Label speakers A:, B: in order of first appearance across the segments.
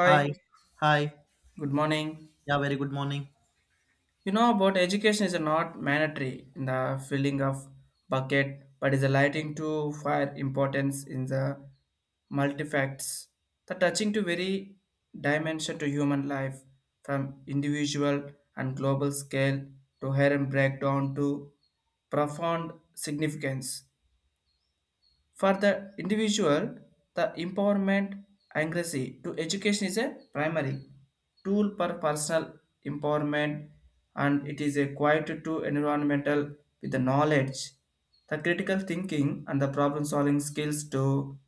A: Hi. Hi.
B: good morning.
A: Yeah, very good morning.
B: You know about education is not mandatory in the filling of bucket, but is lighting to fire importance in the multifacts, the touching to very dimension to human life, from individual and global scale to hair hidden breakdown to profound significance. For the individual, the empowerment anxiety to education is a primary tool for personal empowerment, and it is a quiet to environmental with the knowledge, the critical thinking and the problem solving skills to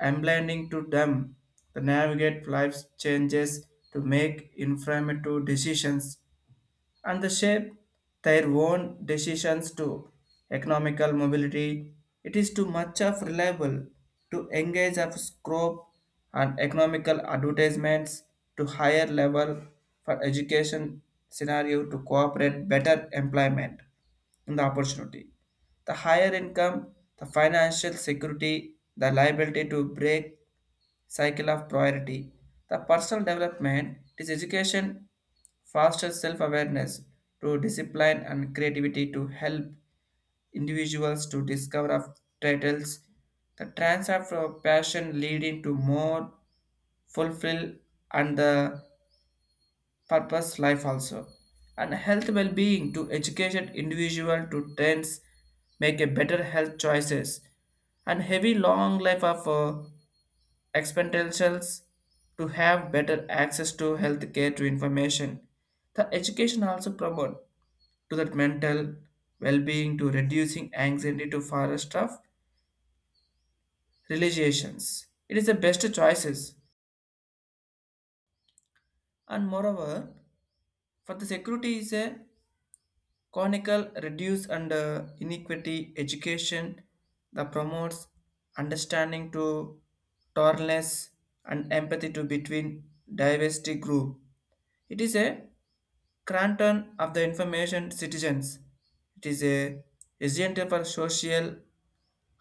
B: emblending to them, to navigate life's changes, to make informative decisions, and they shape their own decisions to economical mobility. It is too much of reliable to engage of scope and economical advertisements to higher level for education scenario to cooperate better employment in the opportunity. The higher income, the financial security, the liability to break cycle of priority. The personal development is education fosters self-awareness to discipline and creativity to help individuals to discover of titles. The transfer of passion leading to more fulfill and the purpose life also. And health well-being to educate individual to trends make a better health choices, and heavy long life of expenditures, to have better access to healthcare to information. The education also promote to that mental well-being, to reducing anxiety to forest of realizations. It is the best choices. And moreover, for the security is a conical reduce and inequity education that promotes understanding to tolerance and empathy to between diversity group. It is a Cranton of the information citizens. It is a resident for social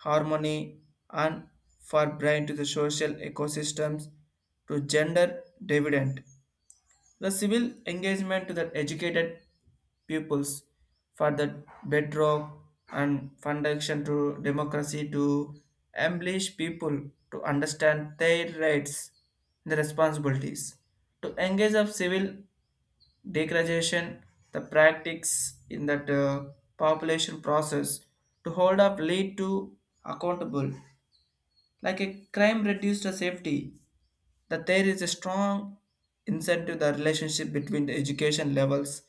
B: harmony and for brain to the social ecosystems to gender dividend. The civil engagement to the educated pupils for the bedrock and foundation to democracy to embellish people to understand their rights and the responsibilities. To engage of civil degradation, the practice in that population process to hold up lead to accountable, like a crime reduced to safety, that there is a strong incentive the relationship between the education levels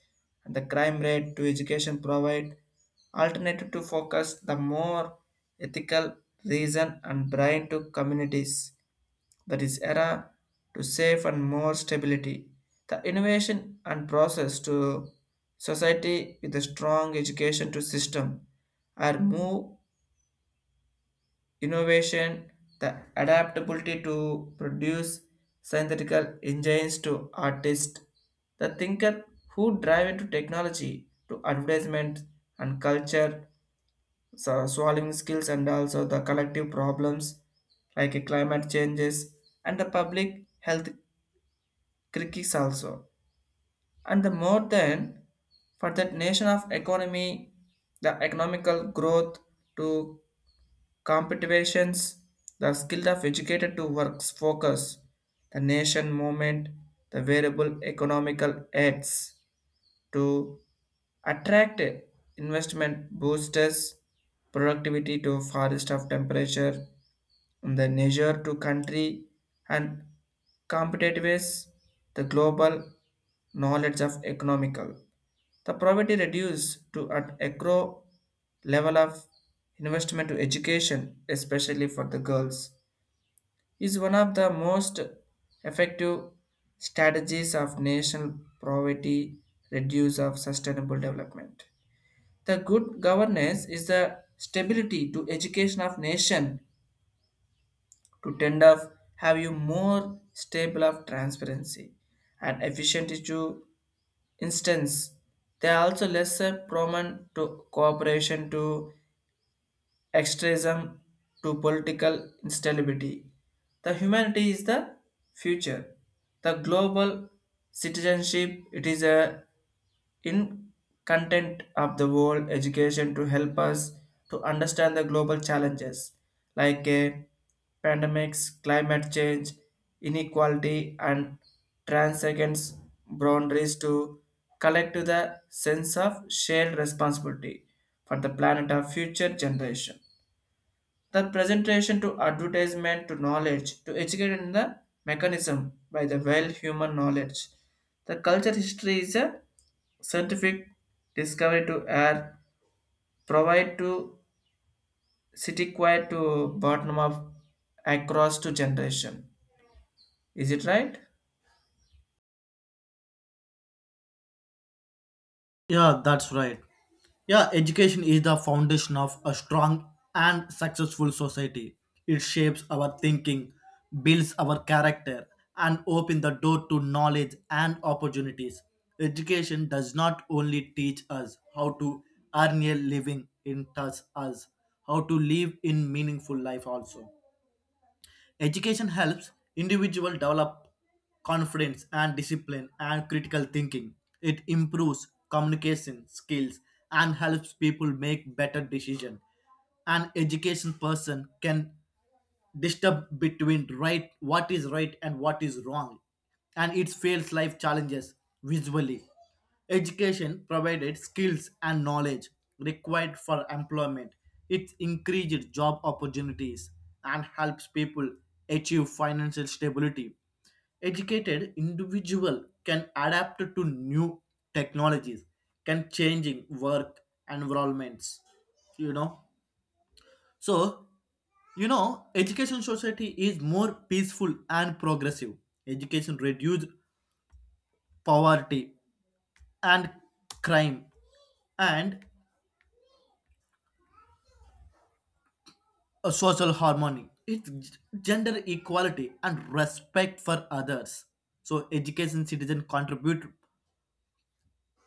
B: and the crime rate to education provide alternative to focus the more ethical reason and brain to communities that is era to safe and more stability, the innovation and process to society with a strong education to system are move innovation, the adaptability to produce synthetical engines to artists, the thinker who drive into technology to advertisement and culture, so solving skills and also the collective problems like a climate changes and the public health crisis also. And the more than for that nation of economy, the economical growth to competitions, the skill of educated to works focus, the nation movement, the variable economical aids to attract investment boosters, productivity to forest of temperature, the nature to country and competitiveness, the global knowledge of economical. The poverty reduced to at agro level of investment to education, especially for the girls, is one of the most effective strategies of national poverty reduce of sustainable development. The good governance is the stability to education of nation to tend of have you more stable of transparency and efficiency to instance. They are also lesser prone to cooperation to extremism to political instability. The humanity is the future. The global citizenship, it is a in content of the world education to help us to understand the global challenges, like pandemics, climate change, inequality, and transcends boundaries to collect to the sense of shared responsibility for the planet of future generation. The presentation to advertisement to knowledge to educate in the mechanism by the well human knowledge. The culture history is a scientific discovery to air provide to city quiet to bottom of across to generation. Is it right?
A: Yeah, that's right. Yeah, education is the foundation of a strong and successful society. It shapes our thinking, builds our character, and opens the door to knowledge and opportunities. Education does not only teach us how to earn a living, it teaches us how to live in meaningful life also. Education helps individual develop confidence and discipline and critical thinking. It improves communication skills and helps people make better decisions. An education person can disturb between right what is right and what is wrong, and it fails life challenges visually. Education provided skills and knowledge required for employment. It increased job opportunities and helps people achieve financial stability. Educated individual can adapt to new technologies, can changing work environments. You know, so Education society is more peaceful and progressive. Education reduced poverty and crime and social harmony, it's gender equality and respect for others. So education citizen contribute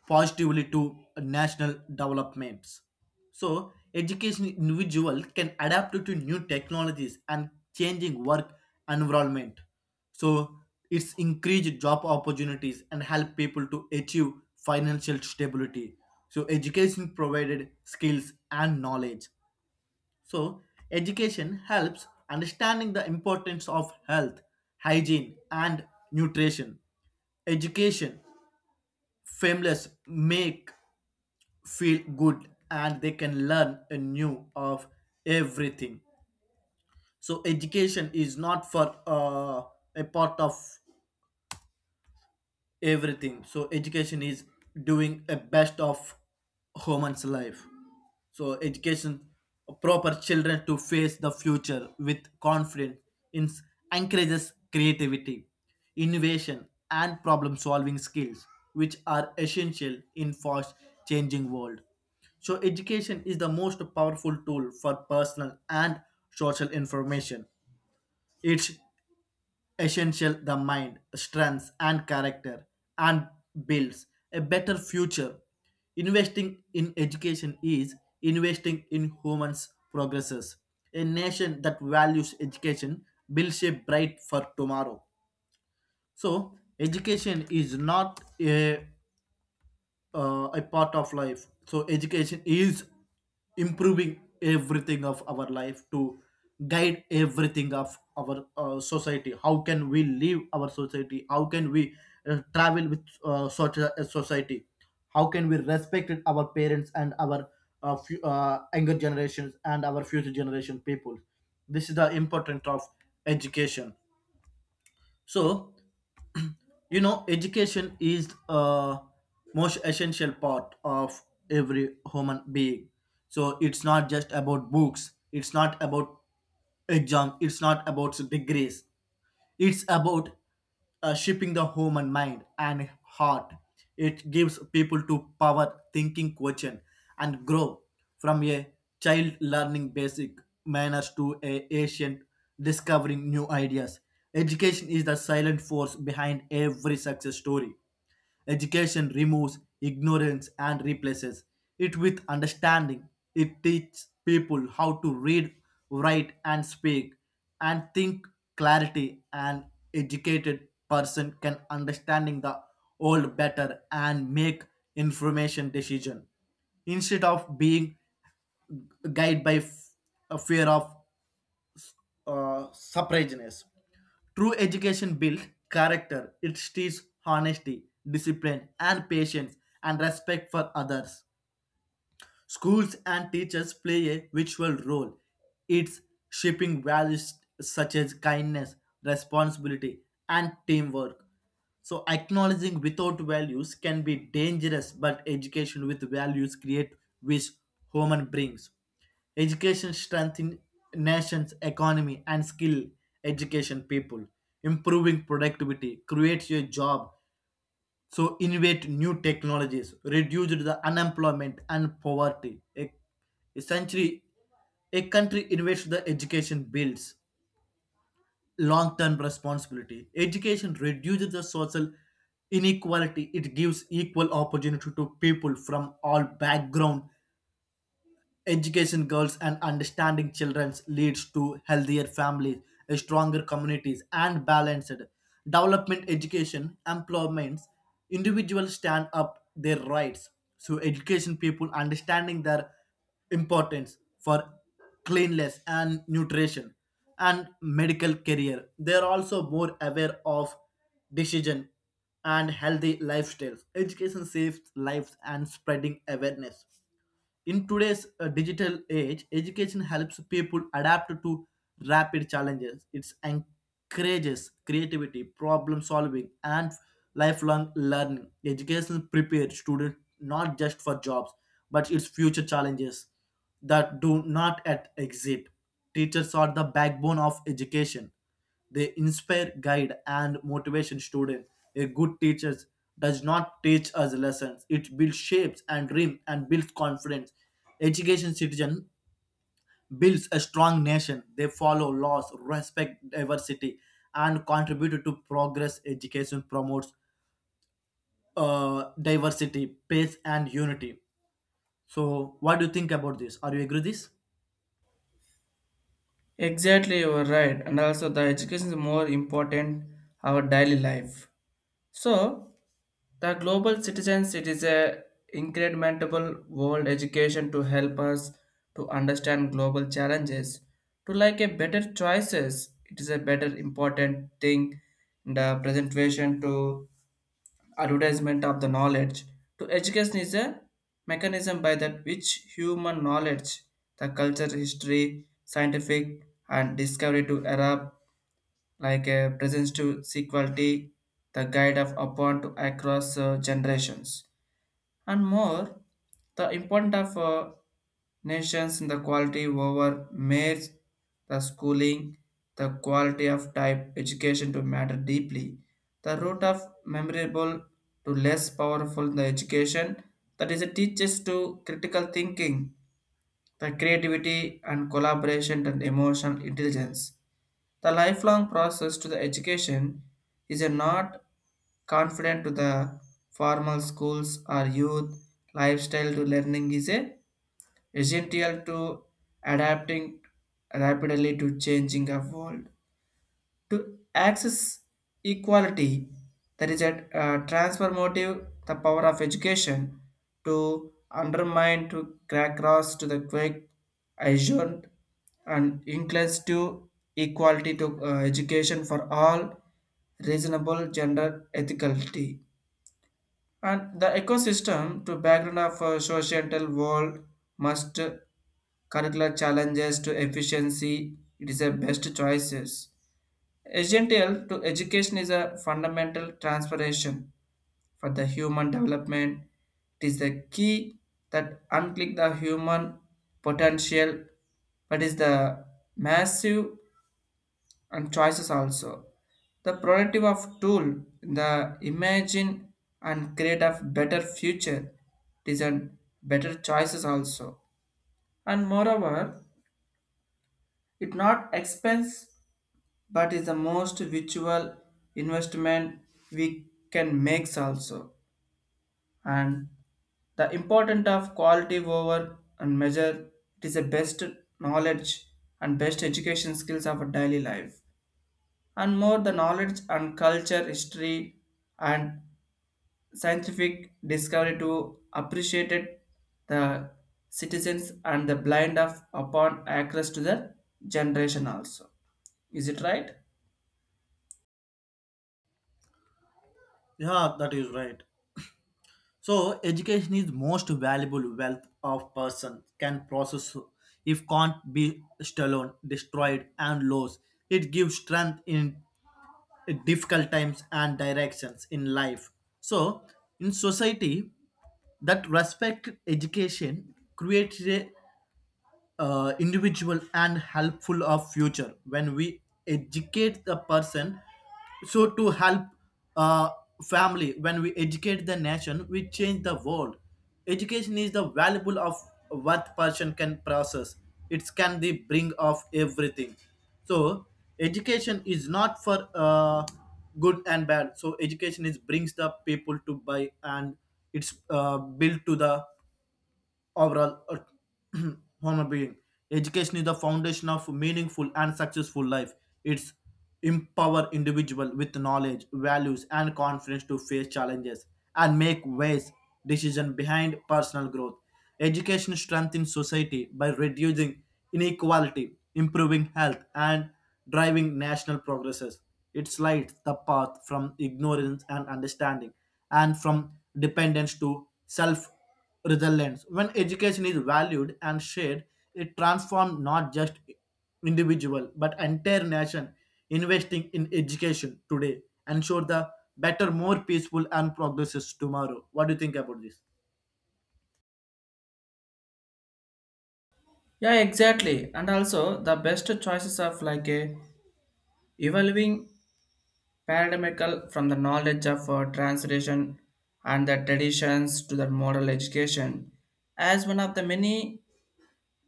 A: positively to national developments. So education individual can adapt to new technologies and changing work environment. So it's increased job opportunities and help people to achieve financial stability. So education provided skills and knowledge. So, education helps understanding the importance of health, hygiene, and nutrition. Education, families make feel good and they can learn anew of everything. So, education is not for a part of everything. So, education is doing a best of human's life. So education proper children to face the future with confidence in- encourages creativity, innovation, and problem-solving skills, which are essential in fast-changing world. So education is the most powerful tool for personal and social information. It's essential the mind, strengths, and character, and builds a better future. Investing in education is investing in humans' progresses. A nation that values education builds a bright for tomorrow. So, education is not a a part of life. So education is improving everything of our life, to guide everything of our society, how can we live our society, how can we travel with such a society, how can we respect our parents and our younger generations and our future generation people. This is the importance of education. So you know education is a most essential part of every human being. So it's not just about books, it's not about exam, it's not about degrees, it's about shaping the human mind and heart. It gives people to power thinking question and grow, from a child learning basic manners to a ancient discovering new ideas. Education is the silent force behind every success story. Education removes ignorance and replaces it with understanding. It teaches people how to read, write, and speak, and think clarity. An educated person can understanding the old better and make information decision instead of being guided by a fear of uh, surpriseness. True education builds character. It teaches honesty, discipline, and patience, and respect for others. Schools and teachers play a virtual role. It's shaping values such as kindness, responsibility, and teamwork. So acknowledging without values can be dangerous, but education with values create which human brings. Education strengthens nation's economy and skill education people. Improving productivity creates a job, so innovate new technologies reduce the unemployment and poverty a, essentially a country innovates the education builds long-term responsibility. Education reduces the social inequality, it gives equal opportunity to people from all background. Education girls and understanding children leads to healthier families, stronger communities, and balanced development, education, employments. Individuals stand up their rights. So education people understanding their importance for cleanliness and nutrition and medical career. They are also more aware of decision and healthy lifestyles. Education saves lives and spreading awareness. In today's digital age, education helps people adapt to rapid challenges. It encourages creativity, problem solving, and lifelong learning. Education prepares students not just for jobs, but its future challenges that do not yet exist. Teachers are the backbone of education, they inspire, guide, and motivation students. A good teacher does not teach us lessons. It builds shapes and dreams and builds confidence. Education citizen builds a strong nation. They follow laws, respect diversity, and contribute to progress. Education promotes diversity, peace, and unity. So, what do you think about this? Are you agree with this?
B: Exactly, you are right. And also the education is more important our daily life. So the global citizens, it is a incrementable world education to help us to understand global challenges, to like a better choices. It is a better important thing in the presentation to advertisement of the knowledge. To education is a mechanism by that which human knowledge, the culture, history, scientific and discovery to adapt like a presence to sequality, the guide of upon to across generations, and more, the importance of nations in the quality over mere the schooling, the quality of type education to matter deeply, the root of memorable to less powerful in the education, that is it teaches to critical thinking, the creativity and collaboration and emotional intelligence. The lifelong process to the education is a not confident to the formal schools or youth lifestyle to learning is a essential to adapting rapidly to changing of world, to access equality. There is a transformative the power of education to undermine to crack cross to the quick assured and inclines to equality to education for all reasonable gender ethicality, and the ecosystem to background of societal world must curricular challenges to efficiency. It is a best choices. Essential to education is a fundamental transformation for the human development. It is the key that unclick the human potential, but is the massive and choices also. The productive of tool, the imagine and create a better future, it is a better choices also. And moreover, it not expense but is the most virtual investment we can make also, and the important of quality over and measure, it is the best knowledge and best education skills of a daily life, and more the knowledge and culture history and scientific discovery to appreciate it, the citizens and the blind of upon access to the generation also. Is it right?
A: Yeah, that is right. So education is most valuable wealth of person can process, if can't be stolen, destroyed and lost. It gives strength in difficult times and directions in life. So in society that respect education creates a individual and helpful of future. When we educate the person, so to help uh, family, when we educate the nation we change the world. Education is the valuable of what person can process, it can the bring of everything. So education is not for good and bad. So education is brings the people to buy, and it's built to the overall, a human being. Education is the foundation of meaningful and successful life. It's empower individual with knowledge, values, and confidence to face challenges and make wise decision behind personal growth. Education strengthens society by reducing inequality, improving health, and driving national progresses. It lights the path from ignorance and understanding, and from dependence to self resilience. When education is valued and shared, it transforms not just individual but entire nation. Investing in education today ensure the better, more peaceful and progresses tomorrow. What do you think about this?
B: Yeah, exactly. And also the best choices of like a evolving paradigmical from the knowledge of translation and the traditions to the model education as one of the many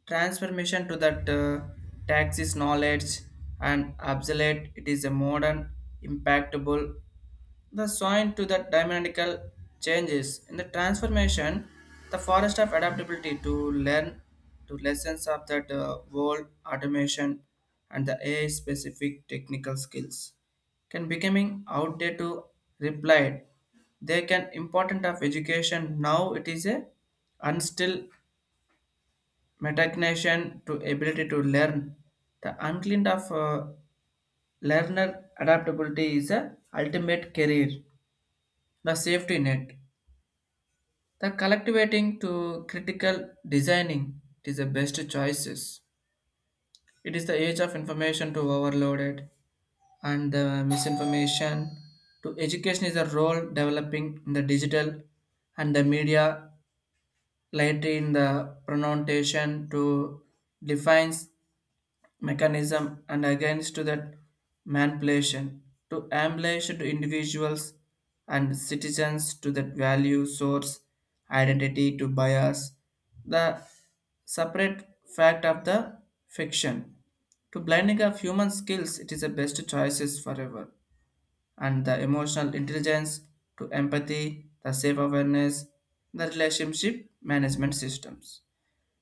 B: transformation to that taxis knowledge and obsolete, it is a modern impactable, the sign to the dynamical changes in the transformation, the forest of adaptability to learn, to lessons of that world automation and the AI specific technical skills can becoming outdated to replied. They can important of education now, it is a unstill metacognition to ability to learn. The uncleaned of learner adaptability is a ultimate career, the safety net. The collectivating to critical designing is the best choices. It is the age of information to overloaded and the misinformation to education is a role developing in the digital and the media later in the pronunciation to defines mechanism and against that manipulation, to emulate to individuals and citizens to that value source identity to bias, the separate fact of the fiction to blending of human skills. It is the best choices forever, and the emotional intelligence to empathy, the self awareness, the relationship management systems,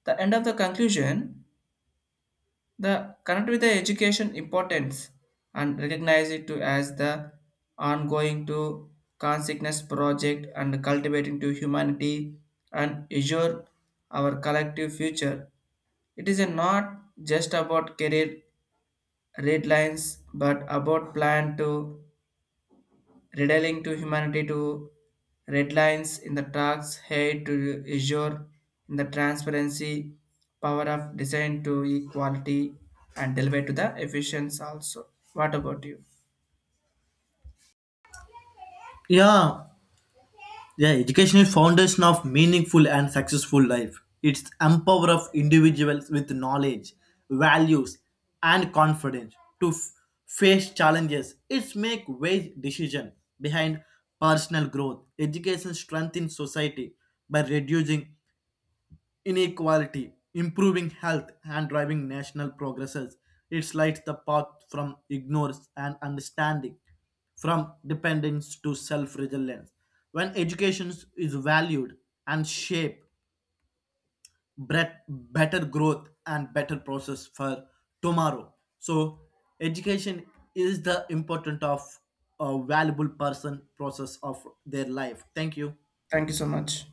B: the end of the conclusion, the connect with the education importance and recognize it to as the ongoing to consciousness project and cultivating to humanity and assure our collective future. It is a not just about career red lines, but about plan to redealing to humanity to red lines in the tracks, hate to azure in the transparency, power of design to equality, and deliver to the efficiency also. What about you?
A: Yeah, yeah, education is foundation of meaningful and successful life. It's empower of individuals with knowledge, values, and confidence to face challenges. It's make wise decision behind personal growth. Education strengthens society by reducing inequality, improving health, and driving national progresses. It lights the path from ignorance and understanding, from dependence to self reliance. When education is valued and shaped, better growth and better process for tomorrow. So, education is the important of a valuable person process of their life. Thank you.
B: Thank you so much.